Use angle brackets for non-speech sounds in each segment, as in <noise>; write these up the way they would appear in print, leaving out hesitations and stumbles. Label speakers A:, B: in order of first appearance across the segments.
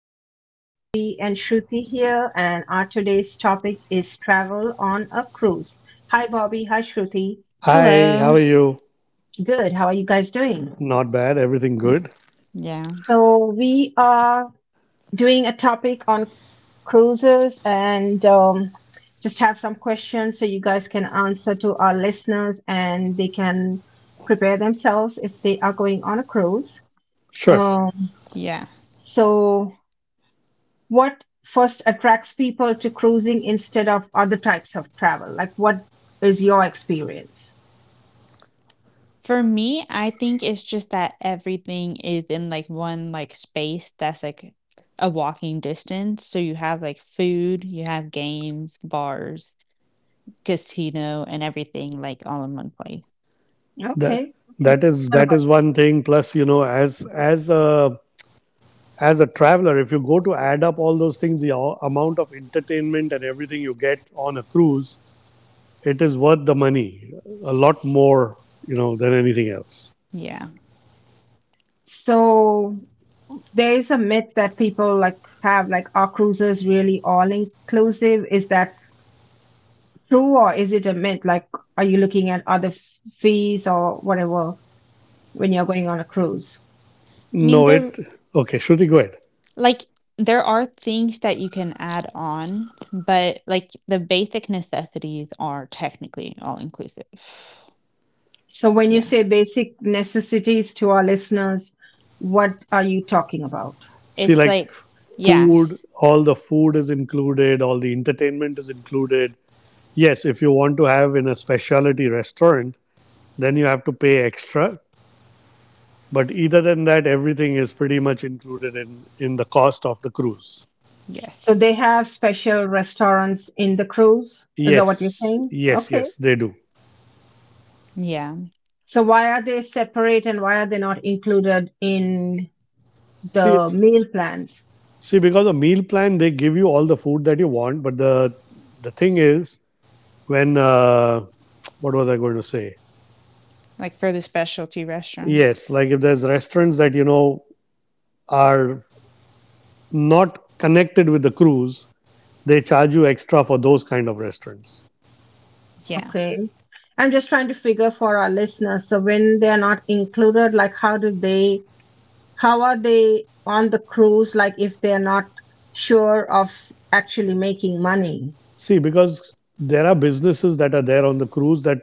A: I have Bobby and Shruti here, and our today's topic is travel on a cruise. Hi, Bobby. Hi, Shruti.
B: Hi, how
C: Hello.
B: are you?
A: Good. How are you guys doing?
B: Not bad. Everything
C: Y-
B: good?
C: Yeah.
A: So, we are doing a topic on cruises and just have some questions so you guys can answer to our listeners and they can prepare themselves if they are going on a cruise.
B: Sure.
A: Um,
C: Yeah.
A: so, what first attracts people to cruising instead of other types of travel? Like, what is your experience?
C: For me, I think it's just that everything is in like one like space that's like a walking distance. So you have like food, you have games, bars, casino, and everything like all in one place.
B: That
A: Okay, okay.
B: that is
A: What
B: that
A: about
B: is
A: you?
B: one thing. Plus, you know, as a as a traveler, if you go to add up all those things, the amount of entertainment and everything you get on a cruise, it is worth the money. A lot more, you know, than anything else.
C: Yeah.
A: So? There is a myth that people like have like are cruises really all inclusive? Is that true or is it a myth? Like, are you looking at other fees or whatever when you're going on a cruise?
C: I mean,
B: No, it Okay, Shruti, go ahead.
C: like there are things that you can add on, but like the basic necessities are technically all inclusive.
A: So, when you
C: Yeah.
A: say basic necessities to our listeners, what are you talking about?
B: See,
C: It's
B: like
C: like yeah.
B: food, all the food is included, all the entertainment is included. Yes, if you want to have in a specialty restaurant, then you have to pay extra. But either than that, everything is pretty much included in the cost of the cruise.
A: So,
C: Yes.
A: they have special restaurants in the cruise. Is that what you're
B: Yes,
A: saying?
B: yes,
A: Okay.
B: yes, they do.
C: Yeah.
A: So, why are they separate and why are they not included in
B: See,
A: the
B: it's
A: meal plans?
B: See, because the meal plan they give you all the food that you want, but the thing is when what was I going to say?
C: Like for the specialty restaurants.
B: Yes, like if there's restaurants that you know are not connected with the cruise, they charge you extra for those kind of restaurants.
C: Yeah,
A: Okay. I'm just trying to figure for our listeners. So, when they're not included, like, how do they How are they on the cruise? Like if they are not sure of actually making money.
B: See, because there are businesses that are there on the cruise that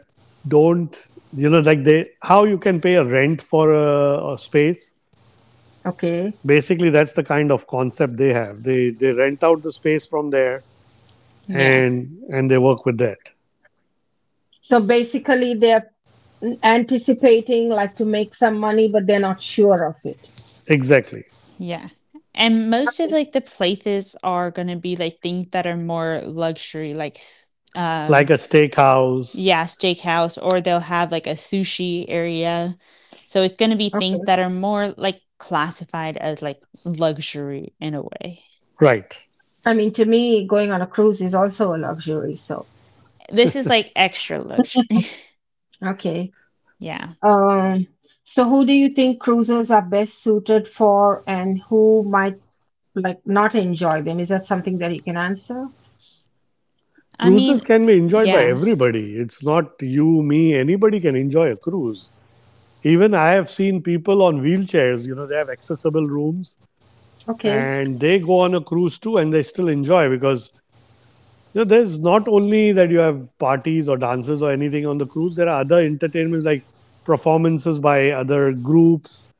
B: don't, you know, like they, how you can pay a rent for a space.
A: Okay.
B: Basically, that's the kind of concept they have. They rent out the space from there
C: yeah,
B: and they work with that.
A: So basically they're anticipating like to make some money, but they're not sure of it.
B: Exactly,
C: yeah. And most of
A: Okay.
C: like the places are gonna be like things that are more luxury, like
B: like
C: um
B: a steakhouse,
C: yeah, steakhouse, or they'll have like a sushi area. So it's gonna be
A: Okay.
C: things that are more like classified as like luxury in a way.
B: right?
A: I mean, to me, going on a cruise is also a luxury. So,
C: This is like extra luxury. <laughs>
A: okay.
C: Yeah.
A: Um, so who do you think cruisers are best suited for and who might like not enjoy them? Is that something that you can answer?
C: I
B: Cruises
C: mean,
B: can be enjoyed by
C: yeah,
B: everybody. It's not you, me, anybody can enjoy a cruise. Even I have seen people on wheelchairs. You know, they have accessible rooms
A: Okay.
B: and they go on a cruise too and they still enjoy because you know there's not only that you have parties or dances or anything on the cruise, there are other entertainments like performances by other groups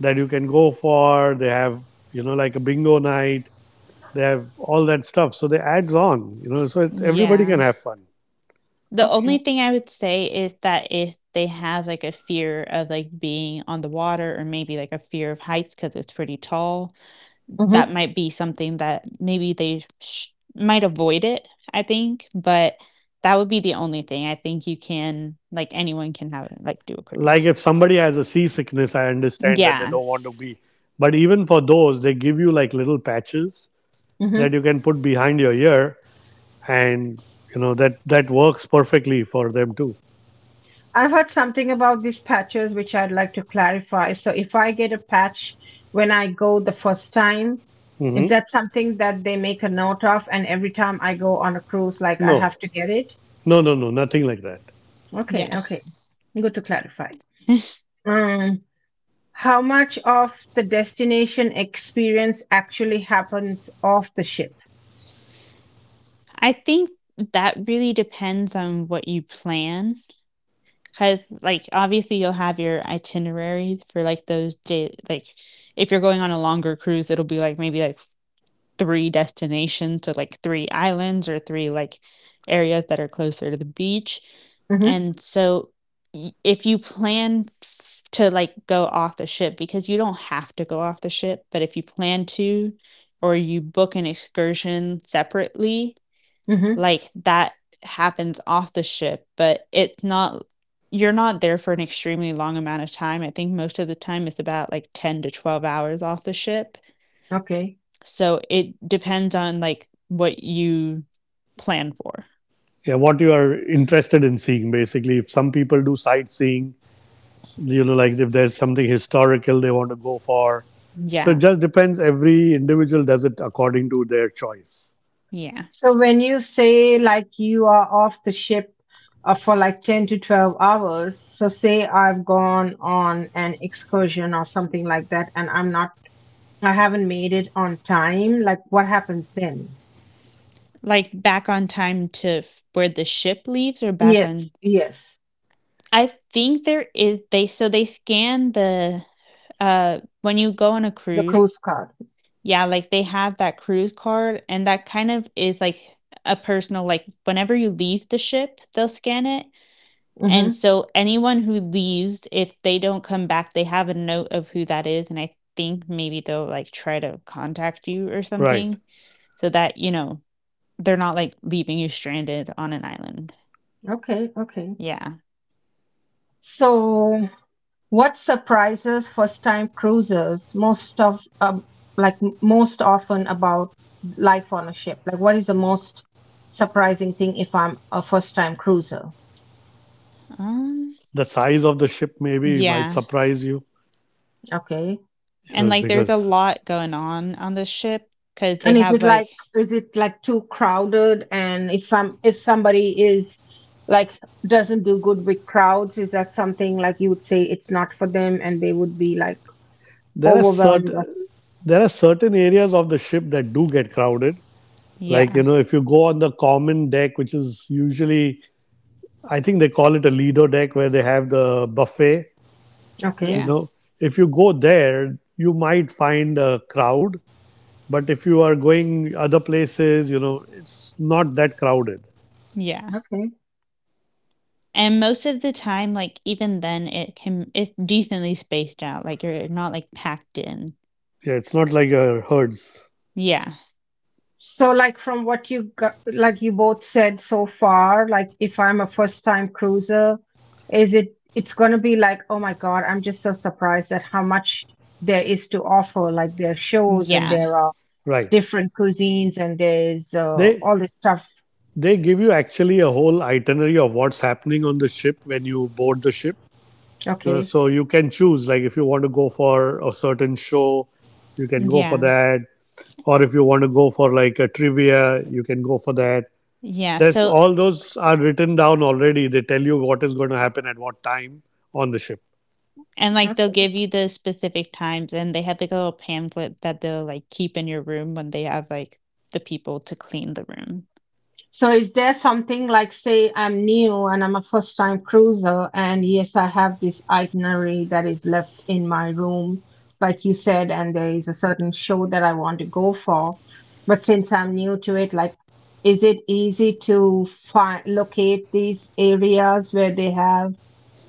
B: that you can go for. They have, you know, like a bingo night, they have all that stuff so they adds on, you know, so it's, everybody can
C: yeah.
B: have fun.
C: The only
A: Okay.
C: thing I would say is that if they have, like, a fear of, like, being on the water or maybe, like, a fear of heights because it's pretty tall,
A: Mm-hmm.
C: that might be something that maybe they sh might avoid it, I think, but that would be the only thing. I think you can like, anyone can have like, do a
B: Like
C: cruise.
B: if somebody has a seasickness, I understand that they
C: Yeah.
B: don't want to be, but even for those they give you like little patches that you can put behind your ear, and you know that works perfectly for them too.
A: I've heard something about these patches, which I'd like to clarify. So if I get a patch when I go the first time, is
B: Hmm.
A: that something that they make a note of? And every time I go on a cruise, like I have
B: No,
A: to get it?
B: no, no, no, nothing like that.
C: Yeah.
A: Okay, okay. Good to clarify.
C: <laughs>
A: Mm. How much of the destination experience actually happens off the ship?
C: I think that really depends on what you plan. Because, like, obviously, you'll have your itinerary for like those day. Like, if you're going on a longer cruise, it'll be like maybe like three destinations, so like three islands or three like areas that are closer to the beach.
A: Mm-hmm.
C: And so, if you plan to like go off the ship, because you don't have to go off the ship, but if you plan to, or you book an excursion separately,
A: Mm-hmm.
C: like that happens off the ship, but it's not, you're not there for an extremely long amount of time. I think most of the time it's about like 10 to 12 hours off the ship.
A: Okay.
C: So it depends on like what you plan for.
B: Yeah, what you are interested in seeing basically. If some people do sightseeing, you know, like if there's something historical they want to go for, so it
C: Yeah.
B: just depends. Every individual does it according to their choice.
C: Yeah.
A: So when you say like you are off the ship for like 10 to 12 hours, so say I've gone on an excursion or something like that and I'm not I haven't made it on time, like what happens then?
C: Like back on time to where the ship leaves or back on
A: Yes, yes.
C: I think there is, they, so they scan the, when you go on a
A: The
C: cruise.
A: cruise card.
C: Yeah, like, they have that cruise card, and that kind of is, like, a personal like, whenever you leave the ship, they'll scan it, and
A: Mm-hmm.
C: so anyone who leaves, if they don't come back, they have a note of who that is, and I think maybe they'll, like, try to contact you or
B: Right.
C: something so that, they're not, like, leaving you stranded on an island.
A: Okay, okay.
C: Yeah.
A: So What surprises first-time cruisers most of like most often about life on a ship? Like what is the most surprising thing if I'm a first-time cruiser?
C: Um,
B: The size of the ship maybe might
C: yeah,
B: surprise you,
A: Okay.
B: you
C: and,
B: know,
C: like, there's a
B: because
C: lot going on the ship because they
A: And
C: have, like
A: is it like too crowded? And if I'm if somebody is like doesn't do good with crowds, is that something like you would say it's not for them and they would be like
B: there are
A: overwhelmed? Or...
B: certain there are certain areas of the ship that do get crowded. Like, you
C: Yeah,
B: know, if you go on the common deck, which is usually, I think they call it a Lido deck where they have the buffet, you
A: Okay.
C: yeah,
B: know, if you go there, you might find a crowd. But if you are going other places, you know, it's not that crowded.
C: yeah.
A: Okay.
C: And most of the time, like, even then, it's decently spaced out, like, you're not, like, packed in.
B: Yeah, it's not like a herds.
C: Yeah.
A: So, like from what you got, like you both said so far, like if I'm a first time cruiser, is it it's gonna be like, oh my God, I'm just so surprised at how much there is to offer. Like there are shows and
C: Yeah.
A: there are
B: Right.
A: different cuisines and there's
B: They
A: all this stuff.
B: they give you actually a whole itinerary of what's happening on the ship when you board the ship. You know,
A: Okay.
B: so you can choose like if you want to go for a certain show, you can go for
C: Yeah.
B: that, or if you want to go for like a trivia, you can go for that.
C: Yeah,
B: There's
C: so
B: all those are written down already. They tell you what is going to happen at what time on the ship.
C: and, like, they'll
A: Okay.
C: give you the specific times, and they have, like, a little pamphlet that they'll, like, keep in your room when they have, like, the people to clean the room.
A: So is there something like, say, I'm new and I'm a first time cruiser, and yes, I have this itinerary that is left in my room, like you said, and there is a certain show that I want to go for. But since I'm new to it, like, is it easy to find locate these areas where they have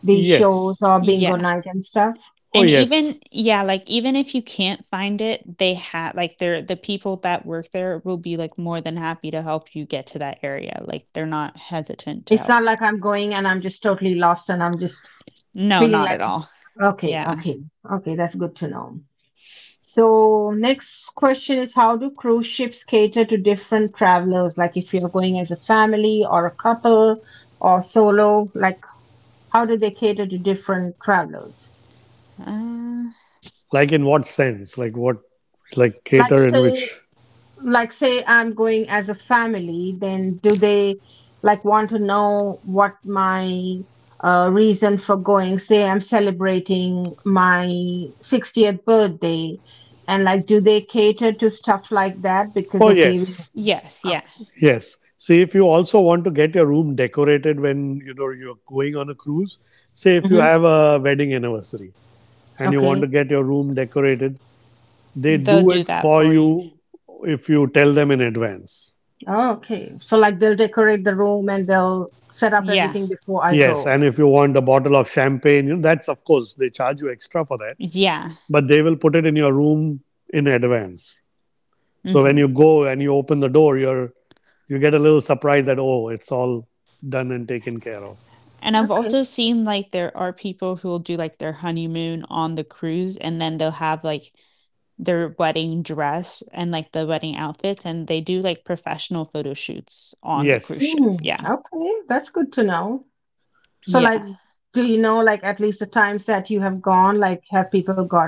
A: these shows
B: Yes.
A: or bingo
C: Yeah.
A: night and stuff?
B: Oh,
C: And
B: yes.
C: even yeah, like, even if you can't find it, they have like, they're the people that work there will be, like, more than happy to help you get to that area, like, they're not hesitant to
A: It's
C: help.
A: not like I'm going and I'm just totally lost and I'm just
C: No,
A: feeling
C: not
A: like,
C: at all.
A: okay,
C: Yeah.
A: okay, okay, that's good to know. So next question is how do cruise ships cater to different travelers? Like if you're going as a family or a couple or solo, like how do they cater to different travelers?
C: Uh,
B: Like in what sense? Like what, like
A: Like
B: cater in
A: say
B: which?
A: like say I'm going as a family, then do they like want to know what my reason for going? Say I'm celebrating my 60th birthday, and like do they cater to stuff like that? Because
B: Oh,
A: okay, we,
B: yes.
C: yes,
A: uh,
C: yeah.
B: Yes, see if you also want to get your room decorated when you know you're going on a cruise, say if you
A: mm-hmm.
B: have a wedding anniversary and you want to
A: Okay.
B: get your room decorated, they
C: They'll
B: do
C: do
B: it
C: that
B: for
C: for you.
B: you if you tell them in advance.
A: Oh, okay. So like they'll decorate the room and they'll set up
C: Yeah.
A: everything before I
B: Yes,
A: go.
B: and if you want a bottle of champagne, you know, that's of course they charge you extra for that,
C: Yeah.
B: but they will put it in your room in advance. So when
C: Hmm.
B: you go and you open the door, you get a little surprise that oh, it's all done and taken care of.
C: And I've
A: Okay.
C: also seen like there are people who will do like their honeymoon on the cruise and then they'll have like their wedding dress and like the wedding outfits and they do like professional photo shoots on the cruise ship.
B: Yes.
A: Mm,
C: Yeah.
A: okay. That's good to know. So
C: Yeah.
A: like do you know like at least the times that you have gone, like have people got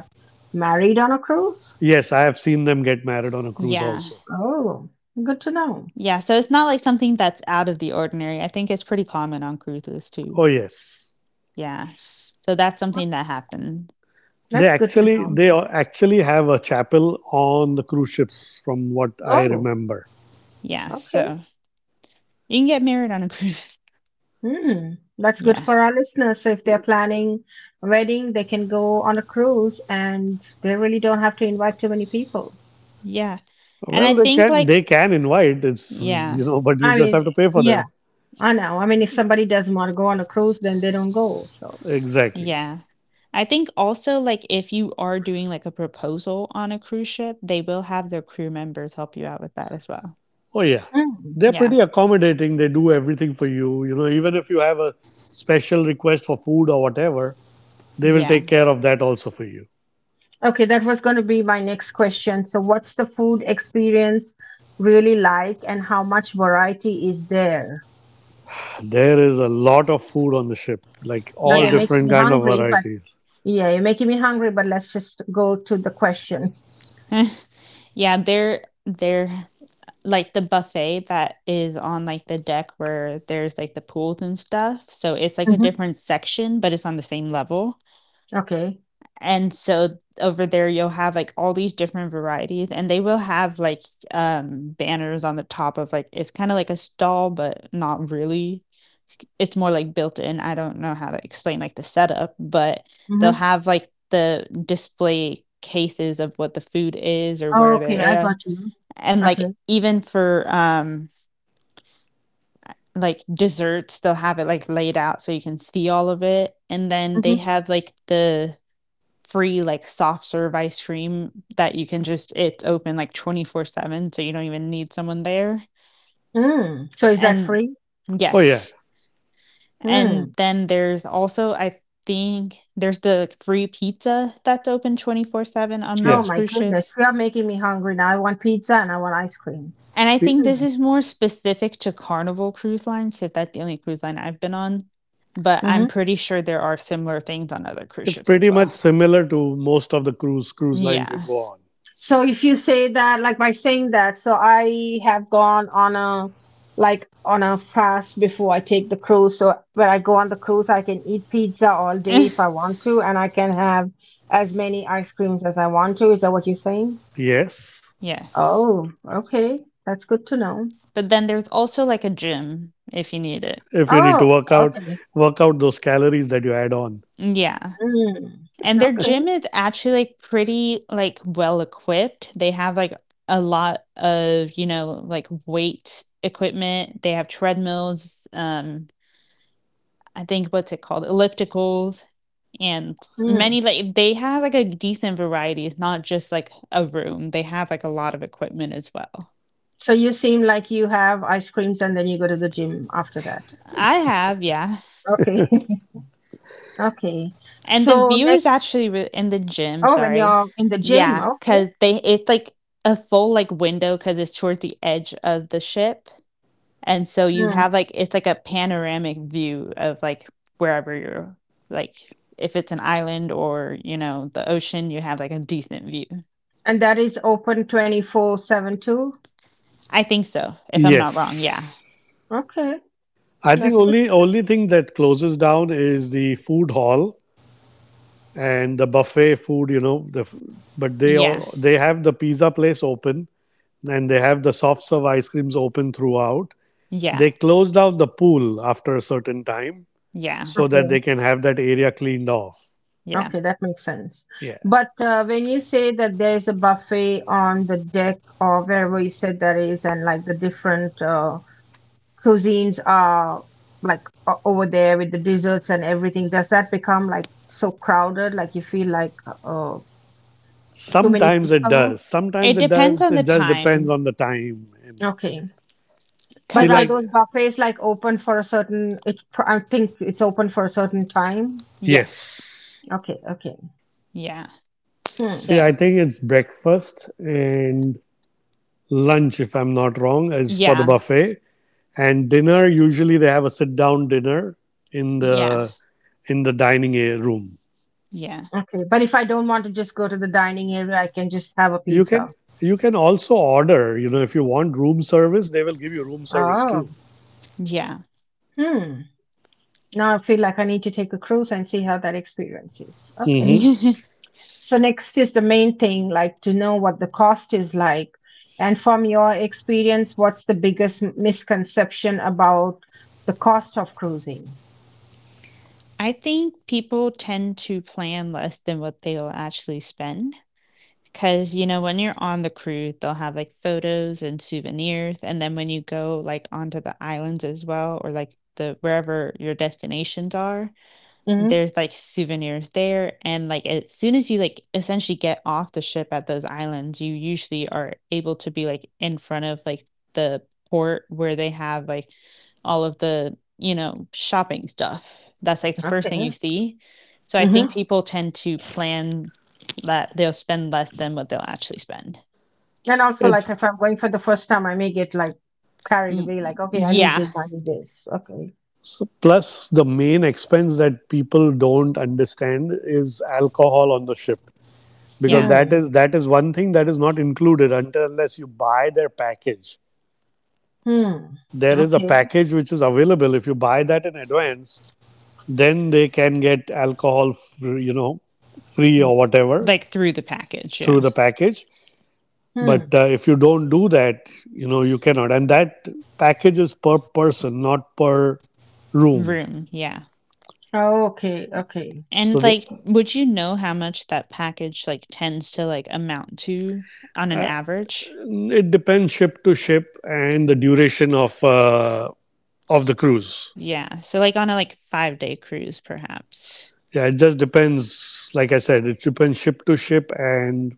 A: married on a cruise?
B: Yes, I have seen them get married on a cruise
C: Yeah.
B: also.
A: Oh, good to know.
C: Yeah. So it's not like something that's out of the ordinary. I think it's pretty common on cruises too.
B: Oh, yes.
C: Yeah. So that's something that happened.
B: They
A: That's good to
B: actually
A: know.
B: they a- actually have a chapel on the cruise ships from what I
A: Oh,
B: remember.
C: Yeah.
A: okay.
C: So you can get married on a cruise. <laughs>
A: Mm, that's good
C: Yeah.
A: for our listeners. So if they're planning a wedding, they can go on a cruise and they really don't have to invite too many people.
C: Yeah. And I
B: Well,
C: think
B: they
C: like
B: can invite, it's
C: yeah.
B: you know, <laughs> but you
A: I
B: just
A: mean,
B: have to pay for
A: yeah.
B: them.
A: I know. I mean, if somebody doesn't want to go on a cruise, then they don't go. So,
B: Exactly.
C: Yeah. I think also like if you are doing like a proposal on a cruise ship, they will have their crew members help you out with that as well.
B: Oh, yeah,
A: Mm.
B: they're
C: Yeah.
B: pretty accommodating. They do everything for you. You know, even if you have a special request for food or whatever, they will
C: Yeah.
B: take care of that also for you.
A: okay, that was going to be my next question. So, what's the food experience really like, and how much variety is there?
B: There is a lot of food on the ship, like
A: Now
B: all
A: you're
C: Yeah.
A: making
B: different
A: me
B: kind of
A: hungry, but
B: varieties.
A: yeah, you're making me hungry. But let's just go to the question.
C: Yeah, they're like the buffet that is on like the deck where there's like the pools and stuff. So it's like a
A: Hmm.
C: different section, but it's on the same level.
A: Okay.
C: And so over there you'll have like all these different varieties and they will have like banners on the top of like it's kind of like a stall but not really. It's more like built in. I don't know how to explain like the setup, but they'll
A: Mm-hmm.
C: have like the display cases of what the food is or where
A: Okay, I
C: they're at.
A: got you.
C: And like
A: Okay.
C: even for like desserts they'll have it like laid out so you can see all of it and then
A: Mm-hmm.
C: they have like the free like soft serve ice cream that you can just it's open like 24/7 so you don't even need someone there.
A: Mm. So is that
C: And
A: free?
B: Oh yeah,
C: yes. And
A: Mm.
C: then there's also I think there's the free pizza that's open 24/7 on
A: Oh
B: yeah.
C: most
A: my
C: cruise
A: goodness,
C: ships.
A: you are making me hungry now. I want pizza and I want ice cream.
C: And I
B: P-
C: think this
A: Mm.
C: is more specific to Carnival cruise lines cuz that's the only cruise line I've been on, but I'm
A: Mhm.
C: pretty sure there are similar things on other cruise
B: It's
C: ships as
B: pretty much
C: well.
B: similar to most of the cruise lines you
C: Yeah.
B: go on.
A: So if you say that, like by saying that, so I have gone on a like on a fast before I take the cruise. So when I go on the cruise, I can eat pizza all day if
C: <laughs>
A: I want to, and I can have as many ice creams as I want to. Is that what you're saying?
B: Yes,
C: Yes.
A: Oh, okay. That's good to know.
C: But then there's also like a gym if you need it.
B: if you need
A: Oh,
B: to work out,
A: okay.
B: work out those calories that you add on.
C: Yeah.
A: Mm,
C: And their
A: okay.
C: gym is actually like pretty like well equipped. They have like a lot of, like weight equipment. They have treadmills, I think what's it called? Ellipticals, and
A: Mm.
C: many like they have like a decent variety. It's not just like a room. They have like a lot of equipment as well.
A: So you seem like you have ice creams and then you go to the gym after that.
C: I have, yeah.
A: Okay. <laughs> Okay.
C: And the
A: So
C: view
A: next.
C: is actually in the gym,
A: Oh, when
C: sorry.
A: you're in the gym,
C: Yeah,
A: okay.
C: cause they it's like a full like window because it's towards the edge of the ship. And so you
A: Mm.
C: have like it's like a panoramic view of like wherever you're like if it's an island or, the ocean, you have like a decent view.
A: And that is open 24/7 too.
C: I think so, if I'm not wrong. Yeah.
B: Yes.
A: Okay,
B: I think
A: that's good.
B: only only thing that closes down is the food hall and the buffet food, you know,
C: Yeah.
B: they have the pizza place open and they have the soft serve ice creams open throughout.
C: Yeah.
B: They close down the pool after a certain time
C: Yeah.
B: so that
A: Okay,
B: they can have that area cleaned off.
C: Yeah.
A: okay, that makes sense.
B: Yeah.
A: But when you say that there's a buffet on the deck or wherever you said that is, and like the different cuisines are like over there with the desserts and everything, does that become like so crowded? Like you feel like uh, too many
B: Sometimes it
A: people?
B: does. Sometimes
C: It
B: it
C: depends
B: does.
C: on
B: It
C: the
B: just depends
C: time,
B: on the time. And
A: Okay.
B: see,
C: cause
A: But are
C: like
B: like,
A: those buffets like open for a certain? It, I think it's open for a certain time.
C: yes.
B: yes.
A: Okay, okay,
C: Yeah.
A: hmm,
B: See, I
C: So,
B: think it's breakfast and lunch, if I'm not wrong, is for the
C: yeah.
B: buffet, and dinner usually they have a sit down dinner in
C: Yeah.
B: the in the dining room.
C: Yeah.
A: okay. But if I don't want to just go to the dining area, I can just have a
B: you can
A: pizza.
B: you can also order, you know, if you want room service they will give you room service
A: Oh,
B: too.
C: Yeah.
A: hmm. Now I feel like I need to take a cruise and see how that experience is. Okay.
B: Hmm.
C: <laughs>
A: So next is the main thing, like to know what the cost is like. And from your experience, what's the biggest misconception about the cost of cruising?
C: I think people tend to plan less than what they will actually spend. Because, when you're on the cruise, they'll have like photos and souvenirs. And then when you go like onto the islands as well, or like the wherever your destinations are,
A: Hmm.
C: there's like souvenirs there and like as soon as you like essentially get off the ship at those islands you usually are able to be like in front of like the port where they have like all of the shopping stuff that's like the first thing you
A: Okay.
C: see. So I think
A: Hmm.
C: people tend to plan that they'll spend less than what they'll actually spend.
A: And also, like,
B: it's
A: if I'm going for the first time, I may get like carried
C: Mm,
A: away, like, okay, I need
C: yeah,
A: this, I need this. Okay.
B: Plus the main expense that people don't understand is alcohol on the ship because
C: yeah,
A: Hmm.
B: that is one thing that is not included until unless you buy their package.
A: Hmm.
B: There is a
A: Okay.
B: package which is available, if you buy that in advance then they can get alcohol, you know, free or whatever
C: like through the package,
B: through
C: yeah,
B: the package. But
A: Hmm.
B: if you don't do that, you know, you cannot, and that package is per person, not per room.
C: room, yeah.
A: Okay. Okay.
B: so
C: And,
B: the,
C: like, would you know how much that package, like, tends to, like, amount to on an average?
B: it depends ship to ship and the duration of the
C: S
B: cruise.
C: Yeah, so, like, on a, like, five-day cruise, perhaps.
B: Yeah, it just depends, like I said, it depends ship to ship and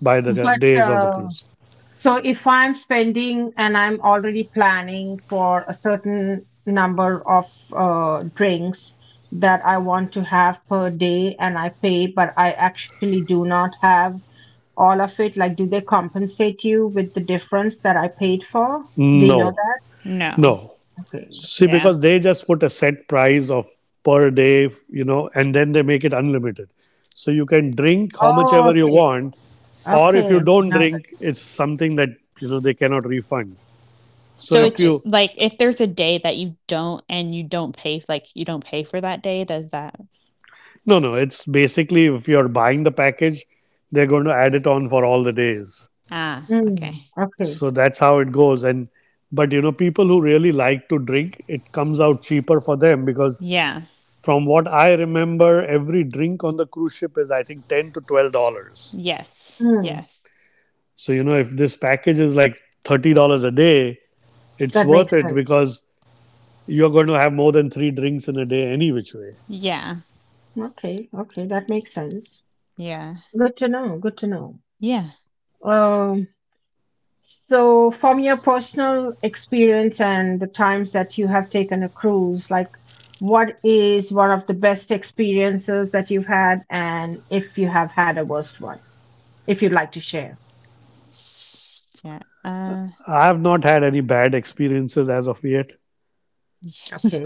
B: by the
A: But
B: days of the cruise.
A: so if I'm spending and I'm already planning for a certain number of drinks that I want to have per day and I pay, but I actually do not have all of it, like, do they compensate you with the difference that I paid for? Do you know
B: No,
A: that?
C: No,
B: no.
A: Okay.
B: See,
C: yeah.
B: because they just put a set price of per day, you know, and then they make it unlimited. So you can drink how much
A: Oh,
B: ever you
A: okay.
B: want, or if
A: Okay.
B: you
A: Okay.
B: don't
A: Now that.
B: drink, it's something that you know they cannot refund. So
C: So
B: if
A: Okay.
C: it's
B: you
C: like, if there's a day that you don't and you don't pay like, you don't pay for that day, does that
B: No, no, it's basically if you're buying the package, they're going to add it on for all the days.
C: ah, okay.
A: Mm. Okay.
B: So that's how it goes. And but you know, people who really like to drink, it comes out cheaper for them because
C: Yeah.
B: from what I remember, every drink on the cruise ship is I think $10 to $12.
C: Yes,
A: Mm.
C: yes.
B: So, you know, if this package is like $30 a day, it's
A: That
B: worth
A: makes
B: it
A: sense.
B: because you're going to have more than three drinks in a day, any which way.
C: Yeah,
A: Okay. Okay. That makes sense.
C: yeah,
A: Good to know. Good to know.
C: yeah.
A: Um, so from your personal experience and the times that you have taken a cruise, like what is one of the best experiences that you've had and if you have had a worst one, if you'd like to share.
C: S Yeah,
B: I have not had any bad experiences as of yet.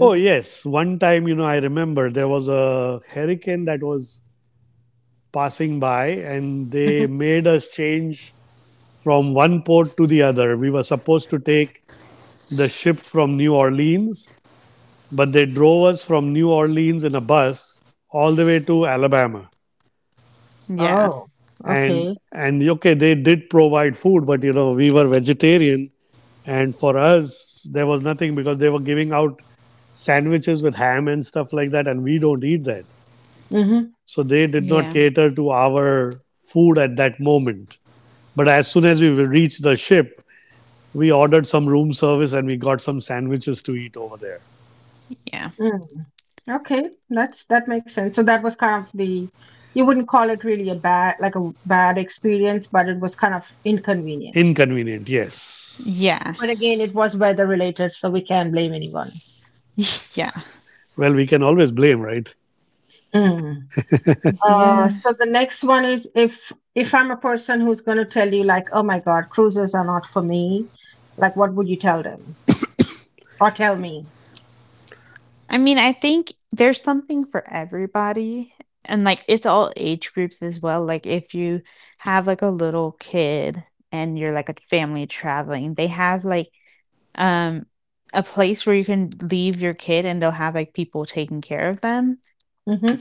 B: Oh, yes. One time, you know, I remember there was a hurricane that was passing by and they
A: Hmm.
B: made us change from one port to the other. We were supposed to take the ship from New Orleans, but they drove us from New Orleans in a bus all the way to Alabama.
C: <laughs> yeah,
A: Oh,
B: and
A: okay.
B: and okay, they did provide food, but you know we were vegetarian and for us there was nothing because they were giving out sandwiches with ham and stuff like that and we don't eat that,
A: Mm-hmm.
B: so they did not
C: yeah,
B: cater to our food at that moment, but as soon as we reached the ship we ordered some room service and we got some sandwiches to eat over there.
C: yeah.
A: Mm. Okay, that's that makes sense. So that was kind of the you wouldn't call it really a bad like a bad experience, but it was kind of inconvenient.
B: Inconvenient, yes.
C: Yeah.
A: But again, it was weather related, so we can't blame anyone.
C: <laughs> Yeah.
B: Well, we can always blame, right?
A: Mm.
C: Yeah.
A: So the next one is if I'm a person who's going to tell you like, oh my God, cruises are not for me, like what would you tell them or tell me?
C: I mean, I think there's something for everybody and like it's all age groups as well. Like if you have like a little kid and you're like a family traveling, they have like um a place where you can leave your kid and they'll have like people taking care of them.
A: Mm-hmm.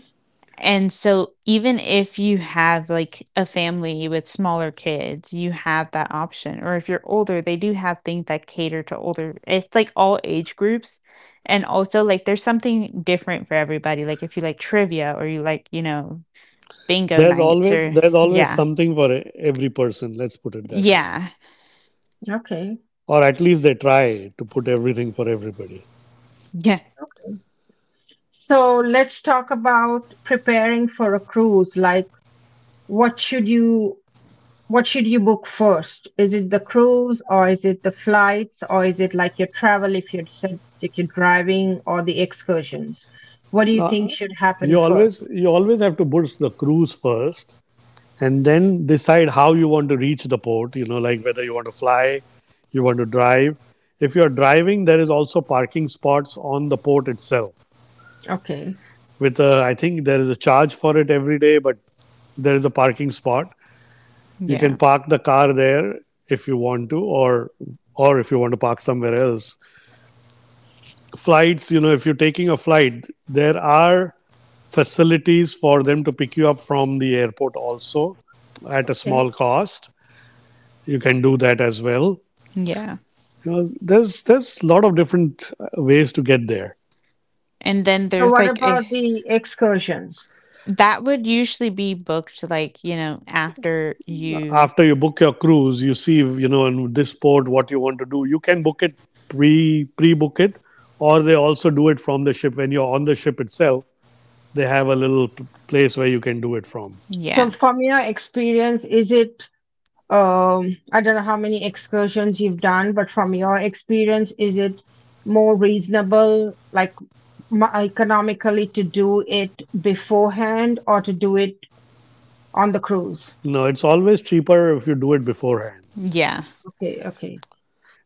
C: And so, even if you have like a family with smaller kids, you have that option. Or if you're older, they do have things that cater to older. It's like all age groups. And also, like, there's something different for everybody. Like, if you like trivia or you like, bingo
B: there's
C: nights,
B: always
C: or
B: there's always
C: yeah.
B: something for every person, let's put it that
C: Yeah.
B: way.
A: Okay.
B: Or at least they try to put everything for everybody.
C: Yeah.
A: So let's talk about preparing for a cruise. Like, what should you What should you book first? Is it the cruise or is it the flights or is it like your travel if you're said like you're driving or the excursions? What do you think
B: Now,
A: should happen first?
B: you always have to book the cruise first, and then decide how you want to reach the port. You know, like whether you want to fly, you want to drive. If you are driving, there is also parking spots on the port itself.
A: Okay.
B: With a, I think there is a charge for it every day, but there is a parking spot. You
C: Yeah.
B: can park the car there if you want to, or if you want to park somewhere else. Flights, you know, if you're taking a flight, there are facilities for them to pick you up from the airport also at a
A: Okay.
B: small cost. You can do that as well.
C: Yeah.
B: You know, there's a lot of different ways to get there.
C: And then
A: So
C: there's
A: what
C: like a,
A: about the excursions?
C: that would usually be booked like, after you,
B: After you book your cruise, you see you know in this port what you want to do. You can book it, pre book it, or they also do it from the ship when you're on the ship itself. They have a little place where you can do it from.
A: So
C: yeah.
A: from your experience, is it I don't know how many excursions you've done, but from your experience, is it more reasonable, like economically, to do it beforehand or to do it on the cruise?
B: No, it's always cheaper if you do it beforehand.
C: Yeah.
A: Okay, okay.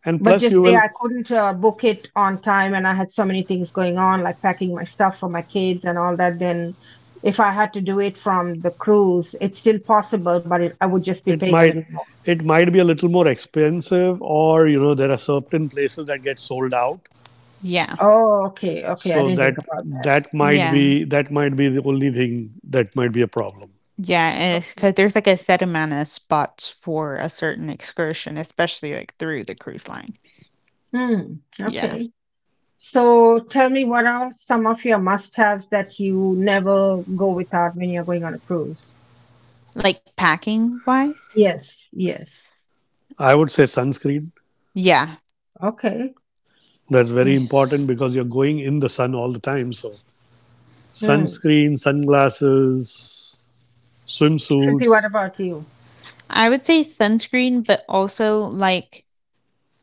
B: And
A: But
B: plus,
A: just
B: you
A: say
B: will
A: I couldn't book it on time and I had so many things going on, like packing my stuff for my kids and all that. Then, if I had to do it from the cruise, it's still possible, but I would just be
B: it
A: paying a
B: might
A: little more.
B: it might be a little more expensive, or you know there are certain places that get sold out,
C: Yeah.
A: Oh, okay, okay. I
B: so
A: didn't
B: that
A: think about that.
B: that might
C: Yeah.
B: be that might be the only thing that might be a problem.
C: Yeah, and it's
A: Okay.
C: because there's, like, a set amount of spots for a certain excursion, especially, like, through the cruise line.
A: Hmm,
C: Yeah.
A: okay. So tell me, what are some of your must-haves that you never go without when you're going on a cruise?
C: Like, packing-wise?
A: Yes, yes.
B: I would say sunscreen.
C: Yeah,
A: Okay.
B: That's
C: yeah.
B: very important because you're going in the sun all the time. So
A: Hmm.
B: sunscreen, sunglasses,
A: Shruti, what
B: swimsuits.
A: about you?
C: I would say sunscreen, but also, like,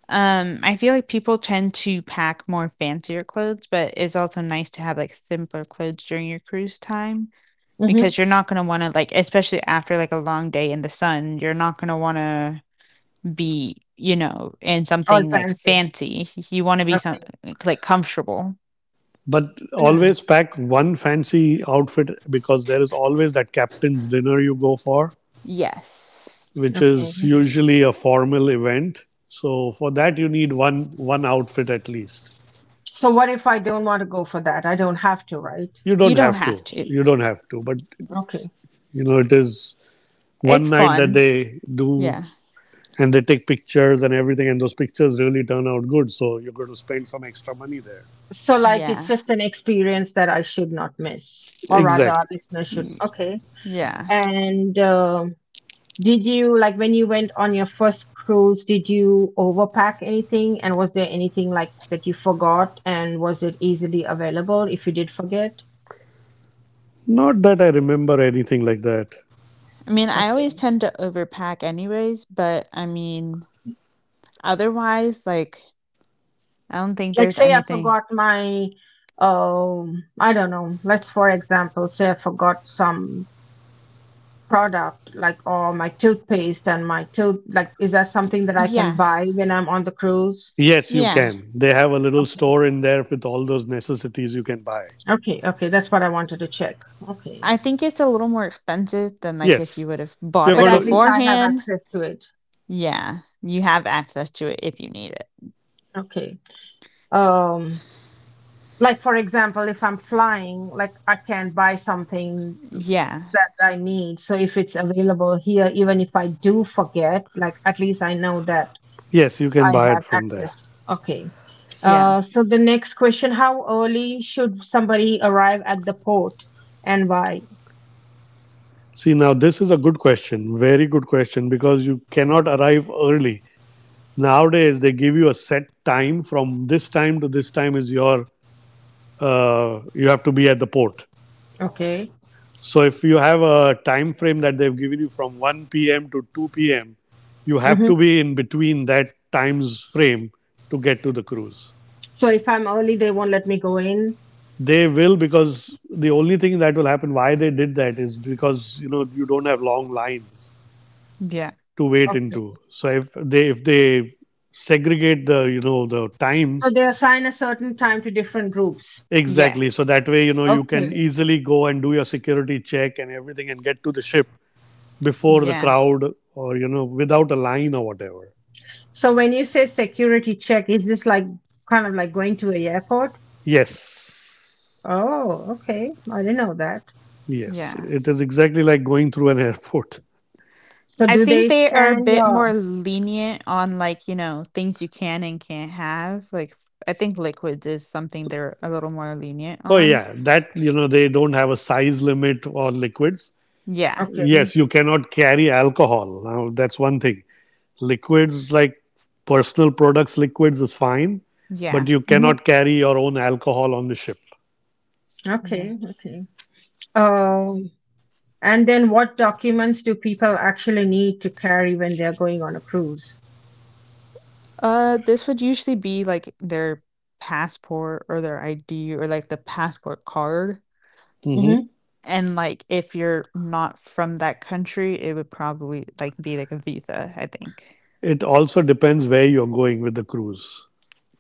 C: I feel like people tend to pack more fancier clothes, but it's also nice to have, like, simpler clothes during your cruise time
A: Mm-hmm.
C: because you're not gonna wanna, like especially after, like, a long day in the sun, you're not gonna wanna be, in
A: All
C: something like
A: fancy.
C: fancy. You want to be some
A: Okay.
C: like comfortable.
B: But
A: Mm,
B: always pack one fancy outfit because there is always that captain's dinner you go for,
C: Yes.
B: which is
A: okay.
B: usually a formal event. So for that you need one outfit at least.
A: So what if I don't want to go for that? I don't have to, right?
B: You
C: You
B: don't
C: don't
B: have to.
C: have to.
B: You don't have to, but
A: Okay.
B: you know it is
C: It's
B: one night that
C: fun.
B: they do,
C: Yeah.
B: and they take pictures and everything, and those pictures really turn out good, so you're going to spend some extra money there.
A: So like it's
C: Yeah.
A: just an experience that I should not miss, or rather, our
B: Exactly.
A: listeners should. Okay.
C: Yeah.
A: And did you like when you went on your first cruise? Did you overpack anything? And was there anything like that you forgot? And was it easily available if you did forget?
B: Not that I remember anything like that.
C: I mean, I always
A: Okay.
C: tend to overpack anyways, but I mean, otherwise like I don't think
A: Like
C: there's
A: say I
C: anything.
A: forgot my I don't know. Let's for example say I forgot some product like or my toothpaste and my tooth, like is that something that I can
C: Yeah.
A: buy when I'm on the cruise?
B: Yes, you
C: Yeah.
B: can. They have a little store in there with all those necessities you can buy.
A: Okay, okay, that's what I wanted to check. Okay.
C: I think it's a little more expensive than like if you
B: Yes.
C: would have bought
B: You're
A: But
C: it
B: going
A: at least
B: to
A: I have
C: beforehand.
A: access to it.
C: Yeah. You have access to it if you need it.
A: Okay. Um like for example, if I'm flying, like I can buy something
C: Yeah.
A: that I need. So if it's available here, even if I do forget, like at least I know that
B: Yes, you can
A: I
B: buy
A: have
B: it from there.
A: access. Okay.
C: Yeah.
A: So the next question, how early should somebody arrive at the port and why?
B: See, now this is a good question, very good question, because you cannot arrive early. Nowadays, they give you a set time. From this time to this time is your, you have to be at the port.
A: Okay.
B: So if you have a time frame that they've given you from 1 p.m. to 2 p.m., you have
A: Mm-hmm.
B: to be in between that times frame to get to the cruise.
A: So if I'm early, they won't let me go in.
B: They will, because the only thing that will happen, why they did that, is because you know you don't have long lines
C: Yeah.
B: to wait
A: Okay.
B: into. So if they segregate the, you know, the
A: So
B: times
A: they assign a certain time to different groups.
B: exactly, so
C: Yes.
B: that way you know you can
A: Okay.
B: easily go and do your security check and everything and get to the ship before the
C: Yeah.
B: crowd, or you know, without a line or whatever.
A: So when you say security check, is this like kind of like going to a airport?
B: Yes,
A: Oh, okay. I didn't know that.
B: yes,
C: Yeah.
B: it is exactly like going through an <laughs> airport.
A: So
C: I
A: do
C: think
A: they
C: they are a
A: scan
C: bit more
A: your?
C: lenient on you know, things you can and can't have. I think liquids is something they're a little more lenient
B: Oh
C: on.
B: yeah, that, you know, they don't have a size limit on liquids.
C: Yeah.
A: Okay.
B: Yes, you cannot carry alcohol. Now that's one thing. Liquids like personal products, liquids is fine, but
C: Yeah.
B: you
A: Hmm.
B: cannot carry your own alcohol on the ship.
C: Yeah.
A: Okay. Okay. Uh, And then what documents do people actually need to carry when they're going on a cruise?
C: This would usually be like their passport or their ID or like the passport card.
B: Mhm.
A: Hmm.
C: And like if you're not from that country, it would probably be like a visa, I think.
B: It also depends where you're going with the cruise.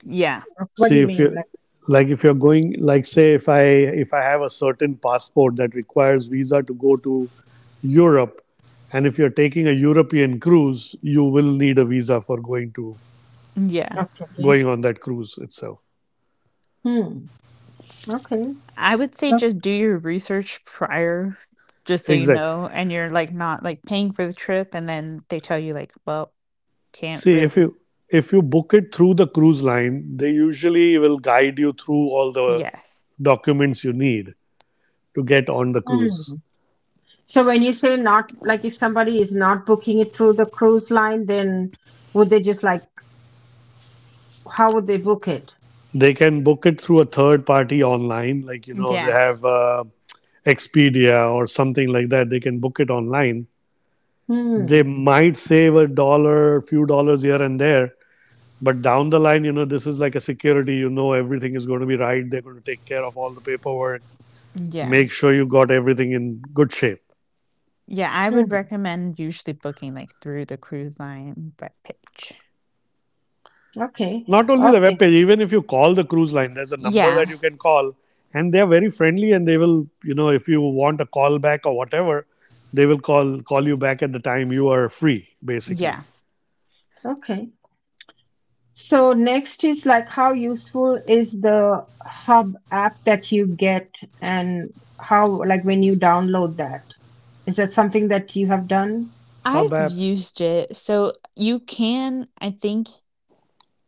C: Yeah.
A: What do
B: See
A: you
B: if
A: mean?
B: you
A: Like,
B: Like, if you're going, like, say if I have a certain passport that requires visa to go to Europe, and if you're taking a European cruise, you will need a visa for
C: Yeah.
A: okay.
B: going on that cruise itself.
A: Hmm. Okay.
C: I would say
A: Yeah.
C: just do your research prior just so you
B: Exactly.
C: know, and you're like not like paying for the trip and then they tell you like, "Well, can't
B: See, if
C: really."
B: you if you book it through the cruise line, they usually will guide you through all the
C: Yes.
B: documents you need to get on the cruise.
A: Hmm. So when you say not, like if somebody is not booking it through the cruise line, then would they just like, how would they book it?
B: They can book it through a third party online, like, you know, they
C: Yeah.
B: have Expedia or something like that. They can book it online. They
A: Hmm.
B: might save a dollar, few dollars here and there, but down the line, you know, this is like a security. You know, everything is going to be right. They're going to take care of all the paperwork,
C: Yeah.
B: make sure you got everything in good shape.
C: Yeah, I would
A: Hmm.
C: recommend usually booking like through the cruise line web page.
A: Okay.
B: Not only the web
A: Okay.
B: page, even if you call the cruise line, there's a number
C: Yeah.
B: that you can call, and they are very friendly, and they will, you know, if you want a call back or whatever, they will call you back at the time you are free, basically.
C: Yeah.
A: Okay. So next is like how useful is the Hub app that you get and how like when you download that? Is that something that you have done?
B: Hub
C: I've
B: app,
C: used it. So you can, I think,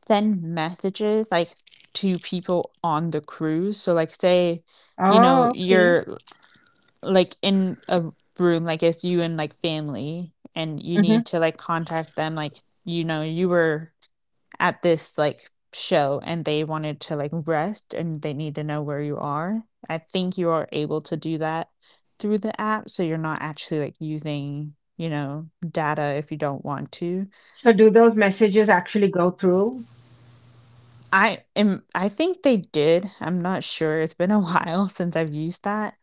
C: send messages like to people on the cruise. So like say, you know,
A: Oh, okay.
C: you're like in a room, like it's you and like family, and you
A: Hmm.
C: need to like contact them, like, you know, you were at this like show, and they wanted to like rest, and they need to know where you are. I think you are able to do that through the app, so you're not actually like using, you know, data if you don't want to.
A: So do those messages actually go through?
C: I think they did. I'm not sure, it's been a <laughs> while since I've used that.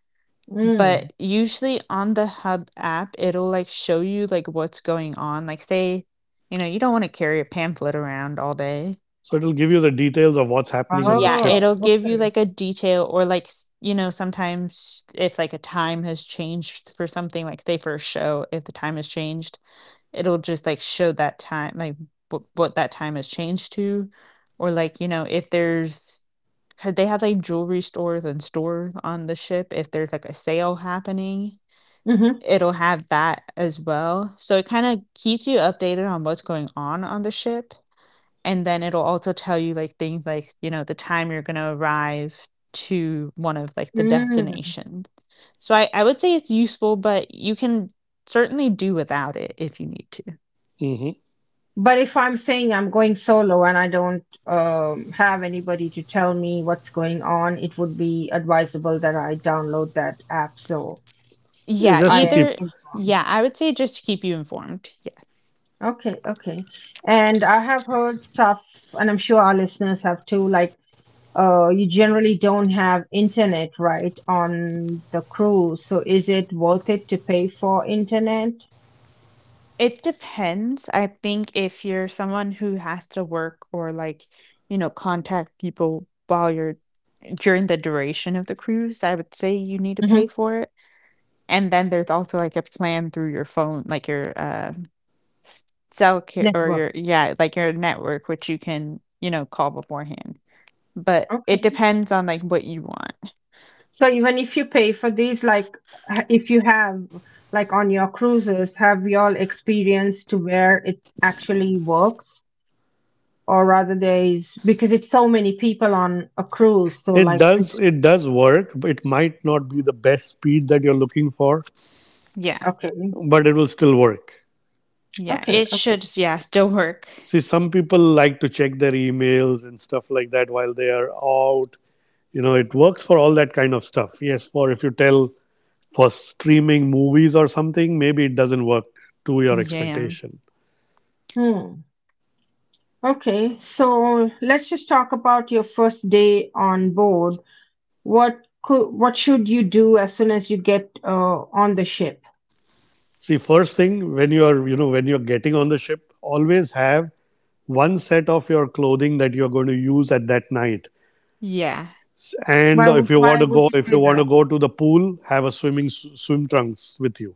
A: Mm.
C: But usually on the hub app it'll like show you like what's going on. Like say, you know, you don't want to carry a pamphlet around all day.
B: so it'll give you the details of what's happening on the
C: Yeah,
B: ship.
A: Oh,
C: it'll give you
A: okay.
C: like a detail, or like you know, sometimes if like a time has changed for something, like say for a show, if the time has changed, it'll just like show that time, like what that time has changed to. Or like, you know, if there's, because they have like jewelry stores and stores on the ship, if there's like a sale happening,
A: Mm-hmm.
C: it'll have that as well. So it kind of keeps you updated on what's going on the ship. And then it'll also tell you like things like, you know, the time you're going to arrive to one of like the
A: Mm.
C: destinations. So I would say it's useful, but you can certainly do without it if you need to.
B: Hmm
A: But if I'm saying I'm going solo and I don't have anybody to tell me what's going on, it would be advisable that I download that app so
C: Yeah,
B: Just
A: I
B: to
A: am
B: keep.
C: either,
A: informed.
C: yeah, I would say just to keep you informed. Yes.
A: Okay, okay. And I have heard stuff, and I'm sure our listeners have too, like you generally don't have internet, right, on the cruise. So is it worth it to pay for internet?
C: It depends. I think if you're someone who has to work, or like, you know, contact people while you're during the duration of the cruise, I would say you need
A: Mm-hmm.
C: to pay for it. And then there's also like a plan through your phone, like your s- cell or
A: Network.
C: your yeah, like your network, which you can, you know, call beforehand. But it
A: Okay.
C: depends on like what you want.
A: So even if you pay for these, like if you have like on your cruises, have you all experienced to where it actually works, or rather there is because it's so many people on a cruise. So
B: it
A: like I'm
B: does
A: just
B: it does work. It might not be the best speed that you're looking for,
C: Yeah,
A: okay,
B: but it will still work.
C: yeah,
A: okay,
C: it
A: okay,
C: should yeah still work.
B: See, some people like to check their emails and stuff like that while they are out. You know, it works for all that kind of stuff. Yes, for if you tell for streaming movies or something, maybe it doesn't work to your
C: Yeah,
B: expectation.
A: hmm, okay. So let's just talk about your first day on board. What could what should you do as soon as you get on the ship?
B: See, first thing when you are, when you're getting on the ship, always have one set of your clothing that you're going to use at that night.
C: yeah,
B: And
A: Why would
B: if you want
A: why
B: to go
A: would you
B: if
A: say
B: you want
A: that?
B: to go to the pool, have a swim trunks with you.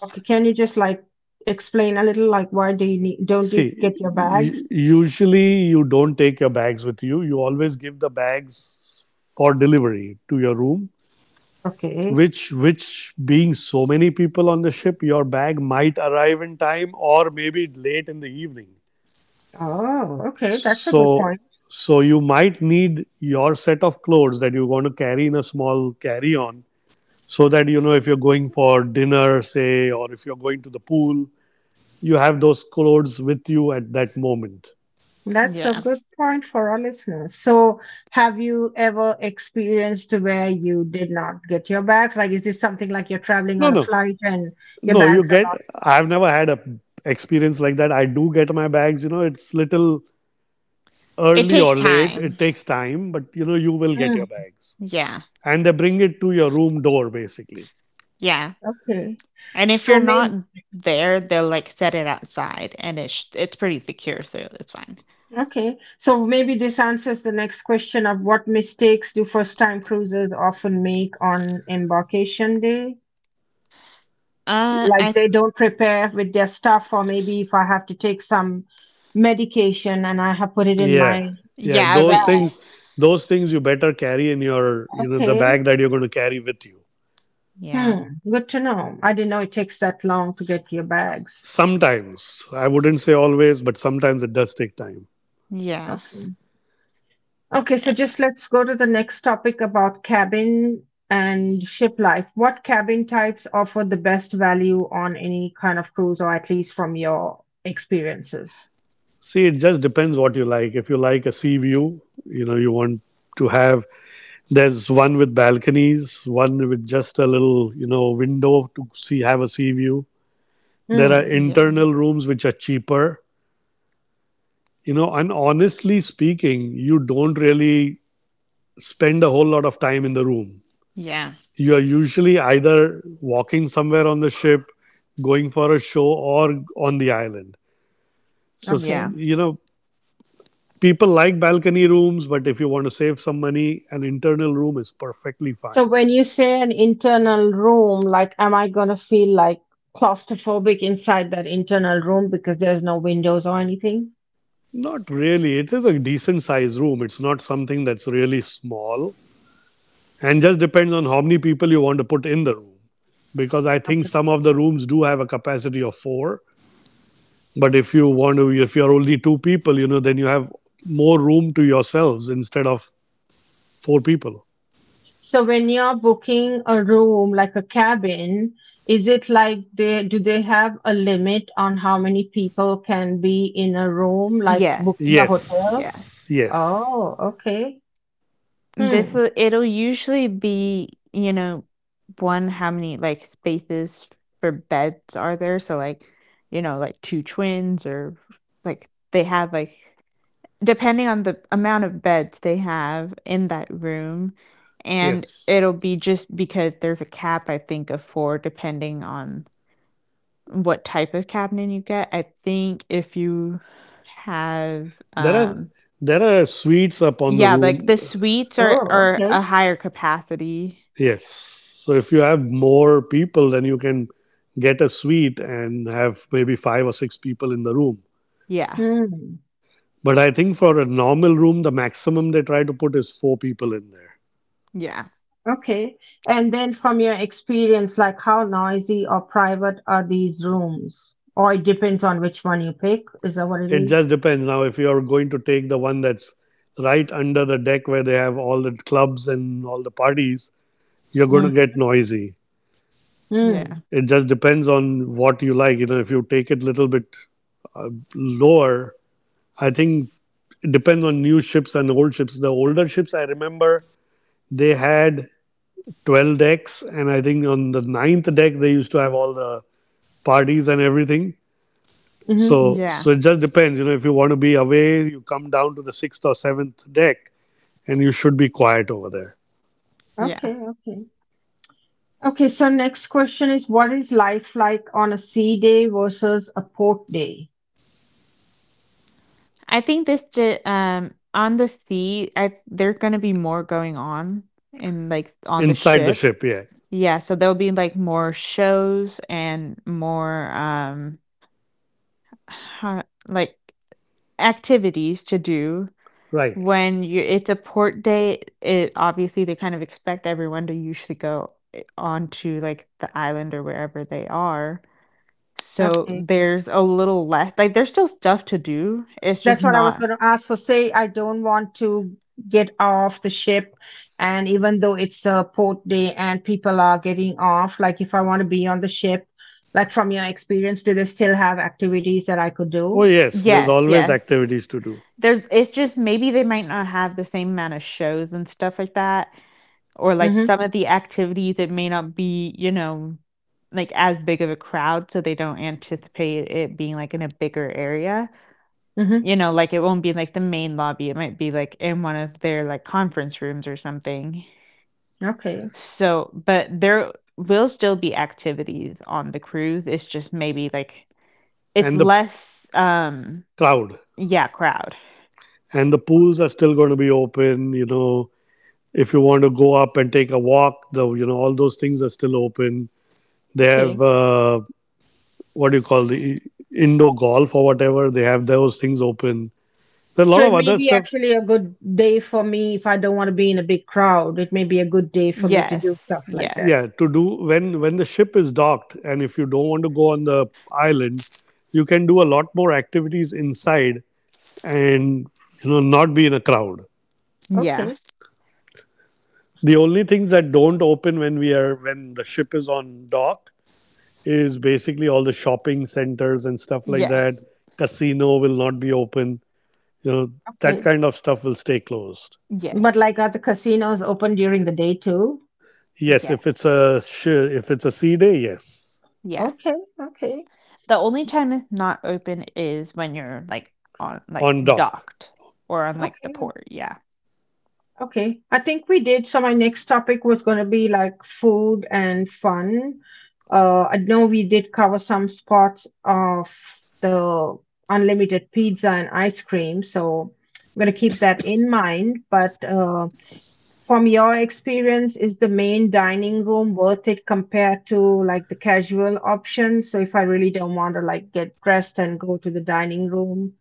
A: Okay, can you just like explain a little like why do you need, don't you
B: See,
A: get your bags?
B: usually you don't take your bags with you. You always give the bags for delivery to your room,
A: Okay.
B: which being so many people on the ship, your bag might arrive in time or maybe late in the evening.
A: Oh, okay, that's a good
B: so
A: point.
B: so you might need your set of clothes that you want to carry in a small carry on, so that you know if you're going for dinner, say, or if you're going to the pool, you have those clothes with you at that moment.
A: That's a
C: yeah.
A: good point for our listeners. So, have you ever experienced where you did not get your bags? Like, is this something like you're traveling
B: no
A: on a
B: no
A: flight and your
B: no, you
A: bags are
B: get
A: lost?
B: I've never had a experience like that. I do get my bags. You know, it's little
C: It
B: early
C: takes
B: or late.
C: time.
B: It takes time, but you know, you will get
A: Mm,
B: your bags.
C: Yeah,
B: And they bring it to your room door, basically.
C: yeah.
A: okay.
C: And if
A: So
C: you're not
A: maybe
C: there, they'll like set it outside, and it's pretty secure, so it's fine.
A: okay. So maybe this answers the next question of what mistakes do first-time cruisers often make on embarkation day? Like
C: I th-
A: they don't prepare with their stuff or maybe if I have to take some medication and I have put it in my
B: Yeah. Yeah.
C: Yeah, I
A: bag.
C: would
B: Those things you better carry in, your, you know, the
A: Okay.
B: bag that you're going to carry with you.
C: yeah,
A: Hmm. Good to know, I didn't know it takes that long to get your bags.
B: Sometimes, I wouldn't say always, but sometimes it does take time.
C: yeah,
A: Okay, okay, so
C: eh,
A: just let's go to the next topic about cabin and ship life. What cabin types offer the best value on any kind of cruise or at least from your experiences?
B: See, it just depends what you like. If you like a sea view, you know, you want to have, there's one with balconies, one with just a little, you know, window to see, have a sea view. There are
A: Hmm.
C: yeah,
B: internal rooms which are cheaper. You know, and honestly speaking, you don't really spend a whole lot of time in the room.
C: yeah,
B: You are usually either walking somewhere on the ship, going for a show, or on the island. So,
A: Okay.
C: yeah,
B: you know, people like balcony rooms, but if you want to save some money, an internal room is perfectly
A: So
B: fine.
A: when you say an internal room, like, am I gonna feel like claustrophobic inside that internal room because there's no windows or anything?
B: Not really. It is a decent sized room. It's not something that's really small. And just depends on how many people you want to put in the room, because I think
A: Okay.
B: some of the rooms do have a capacity of 4. But if you want to, if you're only two people, you know, then you have more room to yourselves instead of four people.
A: So when you're booking a room, like a cabin, is it like they, do they have a limit on how many people can be in a room, like booking a
C: yes,
A: hotel?
B: Yes,
C: yes.
B: yes,
A: Oh, okay.
C: This
A: Hmm.
C: will it'll usually be, you know, one how many like spaces for beds are there? So like, you know, like two twins, or like they have like, depending on the amount of beds they have in that room. And
B: yes.
C: it'll be just because there's a cap, I think, of four, depending on what type of cabinet you get. I think if you have
B: There are there are suites up on the
C: yeah, like
B: room.
C: the suites are
A: Oh,
C: are
A: okay.
C: a higher capacity.
B: Yes. So if you have more people, then you can get a suite and have maybe five or six people in the room.
C: Yeah,
A: Hmm.
B: But I think for a normal room, the maximum they try to put is four people in there.
C: yeah,
A: Okay. And then from your experience, like how noisy or private are these rooms? Or it depends on which one you pick. Is that what it
B: It
A: is?
B: just depends. Now, if you're going to take the one that's right under the deck where they have all the clubs and all the parties, you're going to
A: Mm.
B: get noisy.
C: yeah,
A: Mm.
B: It just depends on what you like. You know, if you take it a little bit lower, I think it depends on new ships and old ships. The older ships, I remember they had 12 decks, and I think on the ninth deck, they used to have all the parties and everything.
A: Mm-hmm.
B: So,
C: yeah,
B: so it just depends. You know, if you want to be away, you come down to the sixth or seventh deck, and you should be quiet over there.
C: yeah.
A: Okay, okay. Okay, so next question is what is life like on a sea day versus a port day?
C: I think this ju on the sea, I there's gonna be more going on in like on the
B: Inside the
C: ship.
B: ship, yeah.
C: Yeah, so there'll be like more shows and more like activities to do.
B: Right.
C: When you it's a port day, it obviously they kind of expect everyone to usually go onto like the island or wherever they are. So
A: Okay.
C: there's a little less, like there's still stuff to do, it's just
A: That's what I was
C: not.
A: going to ask. So, say I don't want to get off the ship, and even though it's a port day and people are getting off, like if I want to be on the ship, like from your experience, do they still have activities that I could
B: Oh,
A: do?
B: yes, there's
C: Yes,
B: always
C: yes.
B: activities to do.
C: There's it's just maybe they might not have the same amount of shows and stuff like that, or like
A: Mm-hmm.
C: some of the activities, it may not be, you know, like as big of a crowd, so they don't anticipate it being like in a bigger area.
A: Mm-hmm.
C: You know, like it won't be like the main lobby, it might be like in one of their like conference rooms or something.
A: Okay.
C: So, but there will still be activities on the cruise. It's just maybe like it's
B: And the
C: less
B: crowd.
C: yeah, crowd.
B: And the pools are still going to be open, you know. If you want to go up and take a walk, the, you know, all those things are still open. They have,
A: Okay.
B: what do you call the indoor golf or whatever? They have those things open. There's a lot
A: So
B: of
A: it may
B: other
A: be
B: stuff,
A: actually a good day for me if I don't want to be in a big crowd. It may be a good day for me to do
C: Yes.
A: stuff like
C: Yes.
A: that.
B: yeah, to do when the ship is docked. And if you don't want to go on the island, you can do a lot more activities inside, and, you know, not be in a crowd.
C: Yeah.
A: Okay.
B: The only things that don't open when we are when the ship is on dock is basically all the shopping centers and stuff like
C: Yeah,
B: that. Casino will not be open. You know, that
A: Okay.
B: kind of stuff will stay closed.
C: yeah,
A: But like are the casinos open during the day too?
B: Yes,
C: yeah,
B: if it's a if it's a sea day, yes,
C: yeah.
A: Okay. Okay.
C: The only time it's not open is when you're like on like
B: on dock.
C: docked or on like the
A: Okay.
C: port. Yeah,
A: Okay. I think we did. So my next topic was going to be like food and fun. I know we did cover some spots of the unlimited pizza and ice cream. So I'm going to keep that in mind. But from your experience, is the main dining room worth it compared to like the casual option? So if I really don't want to like get dressed and go to the dining room,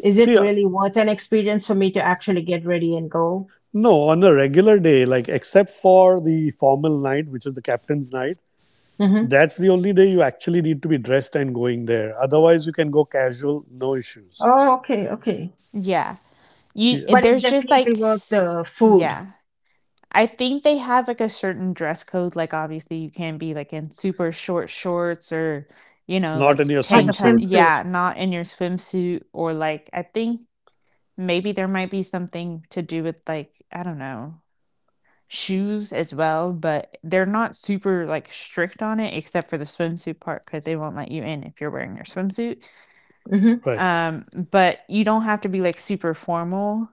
A: is it
B: See,
A: really worth an experience for me to actually get ready and go?
B: no, on a regular day, like except for the formal night, which is the captain's night,
A: Mm-hmm.
B: that's the only day you actually need to be dressed and going there. Otherwise, you can go casual, no issues.
A: Oh, okay, okay.
C: yeah. You
B: Yeah.
A: But it's
C: there's just
A: definitely
C: like
A: worth the food,
C: yeah. I think they have like a certain dress code. Like obviously you can't be like in super short shorts or, you know,
B: Not in
C: like
B: your
A: like
C: tank
A: a
C: top.
B: swimsuit.
A: swimsuit.
C: Yeah, not in your swimsuit, or like I think maybe there might be something to do with like, I don't know, shoes as well, but they're not super like strict on it except for the swimsuit part, because they won't let you in if you're wearing your swimsuit.
A: Hmm.
B: Right.
C: Um, but you don't have to be like super formal.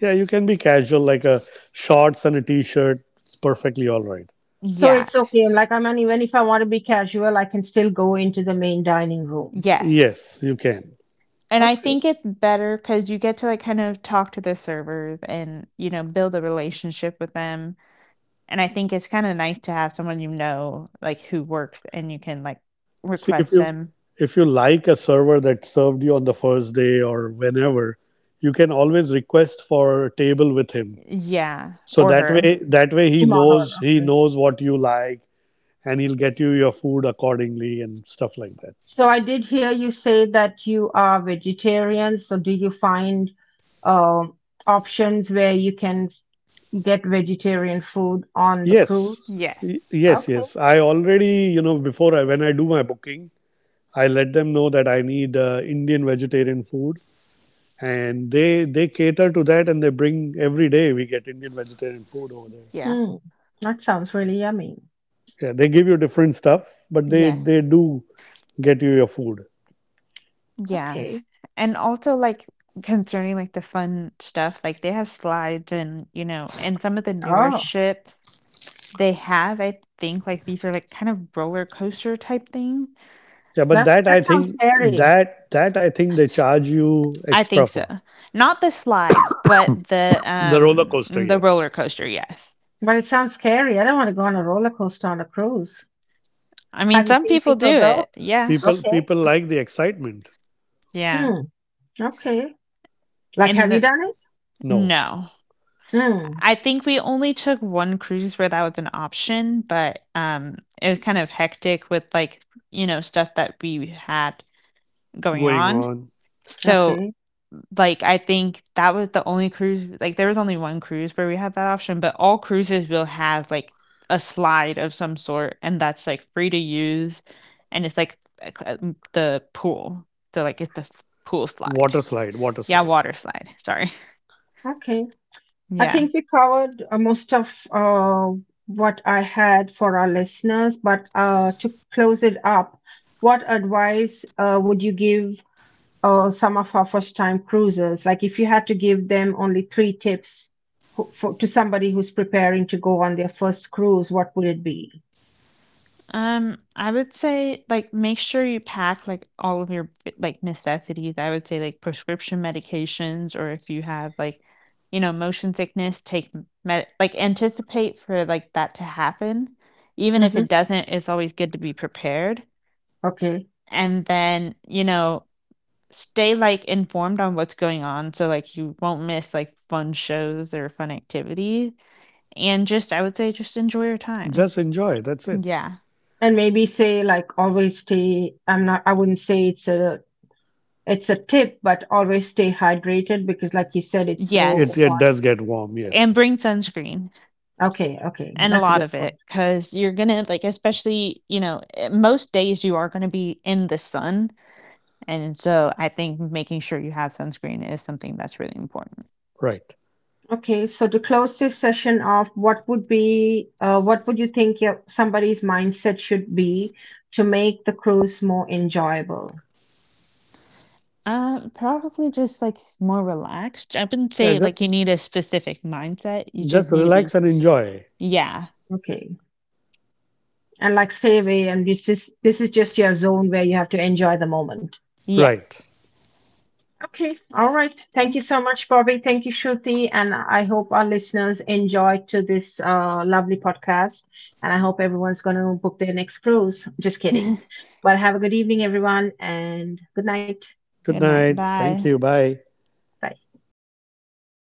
B: Yeah, you can be casual, like a shorts and a t-shirt. It's perfectly all right.
A: So
C: Yeah.
A: it's okay. Like I mean, even if I want to be casual, I can still go into the main dining room.
C: Yeah.
B: Yes, you can.
C: And I
A: Okay.
C: think it's better because you get to like kind of talk to the servers and, you know, build a relationship with them, and I think it's kinda nice to have someone you know, like who works and you can like
B: See if
C: request
B: you
C: them.
B: If you like a server that served you on the first day or whenever, you can always request for a table with him.
C: Yeah,
B: So
C: or
B: that
C: her.
B: way that way he
A: In my hall,
B: knows
A: okay.
B: what you like, and he'll get you your food accordingly and stuff like that.
A: So I did hear you say that you are vegetarian. So do you find um options where you can get vegetarian food on the
B: Yes.
A: cruise?
C: Yes.
B: Yes,
A: Okay.
B: yes. I already, you know, before I, when I do my booking, I let them know that I need Indian vegetarian food, and they cater to that, and they bring every day we get Indian vegetarian food over there.
C: Yeah.
A: Hmm. That sounds really yummy.
B: Yeah, they give you different stuff, but
C: Yes.
B: they do get you your food.
A: Okay.
C: Yes. And also like concerning like the fun stuff, like they have slides and, you know, and some of the newer
A: Oh,
C: ships they have, I think like these are like kind of roller coaster type things.
B: Yeah, but
A: that
B: that,
A: that
B: I
A: sounds
B: think
A: scary.
B: that I think they charge you
C: I
B: extra
C: think so.
B: for
C: Not the slides, but
B: the roller coaster.
C: the
B: Yes,
C: roller coaster, yes.
A: But it sounds scary. I don't want to go on a roller coaster on a cruise.
C: I mean
A: Have you
C: some
A: seen
C: people do
A: people go?
C: it. Yeah.
A: Okay.
B: people like the excitement.
C: Yeah.
A: Hmm. Okay. Like, have
C: And
A: you
C: the,
A: done it?
B: No,
C: no.
A: Hmm.
C: I think we only took one cruise where that was an option, but it was kind of hectic with like, you know, stuff that we had going
B: going
C: on.
B: on
C: So,
A: Okay.
C: like I think that was the only cruise, like there was only one cruise where we had that option, but all cruises will have like a slide of some sort, and that's like free to use, and it's like a the pool. So like it's the pool slide.
B: water slide, water
C: Yeah,
B: slide.
C: water slide. Sorry. <laughs>
A: Okay. I
C: Yeah.
A: think we covered most of what I had for our listeners. But to close it up, what advice would you give some of our first-time cruisers? Like, if you had to give them only 3 tips for, to somebody who's preparing to go on their first cruise, what would it be?
C: I would say like make sure you pack like all of your like necessities. I would say like prescription medications, or if you have like, you know, motion sickness, take med like anticipate for like that to happen. Even if
A: Mm-hmm.
C: it doesn't, it's always good to be prepared.
A: Okay.
C: And then, you know, stay like informed on what's going on so like you won't miss like fun shows or fun activities. And just I would say just enjoy your time.
B: Just enjoy, that's it.
C: Yeah.
A: And maybe say like always stay, I'm not, I wouldn't say it's a tip, but always stay hydrated because like you said it's so
B: it
C: Yes.
B: it
A: hot.
B: does get warm,
C: And
B: yes.
C: bring sunscreen,
A: Okay, okay,
C: and a
A: that's a
C: lot
A: good
C: of
A: point.
C: it, because you're gonna like, especially, you know, most days you are gonna be in the sun. And so I think making sure you have sunscreen is something that's really important.
B: Right.
A: Okay, so to close this session off, what would be what would you think your, somebody's mindset should be to make the cruise more enjoyable?
C: Probably just like more relaxed. I wouldn't
B: Yeah,
C: say like you
B: just
C: need a specific mindset, you just need to be
B: relax and enjoy.
C: yeah,
A: Okay. And like stay away and this is just your zone where you have to enjoy the moment.
C: yeah,
B: Right.
A: Okay, all right.
C: yeah.
A: Thank you so much, Bobby. Thank you, Shruti. And I hope our listeners enjoyed to this lovely podcast. And I hope everyone's going to book their next cruise. Just
C: <laughs>
A: kidding.
C: Good
A: But have a good evening, everyone, and good night.
B: Good
C: night,
B: night, thank
C: bye.
B: you, bye.
A: Bye.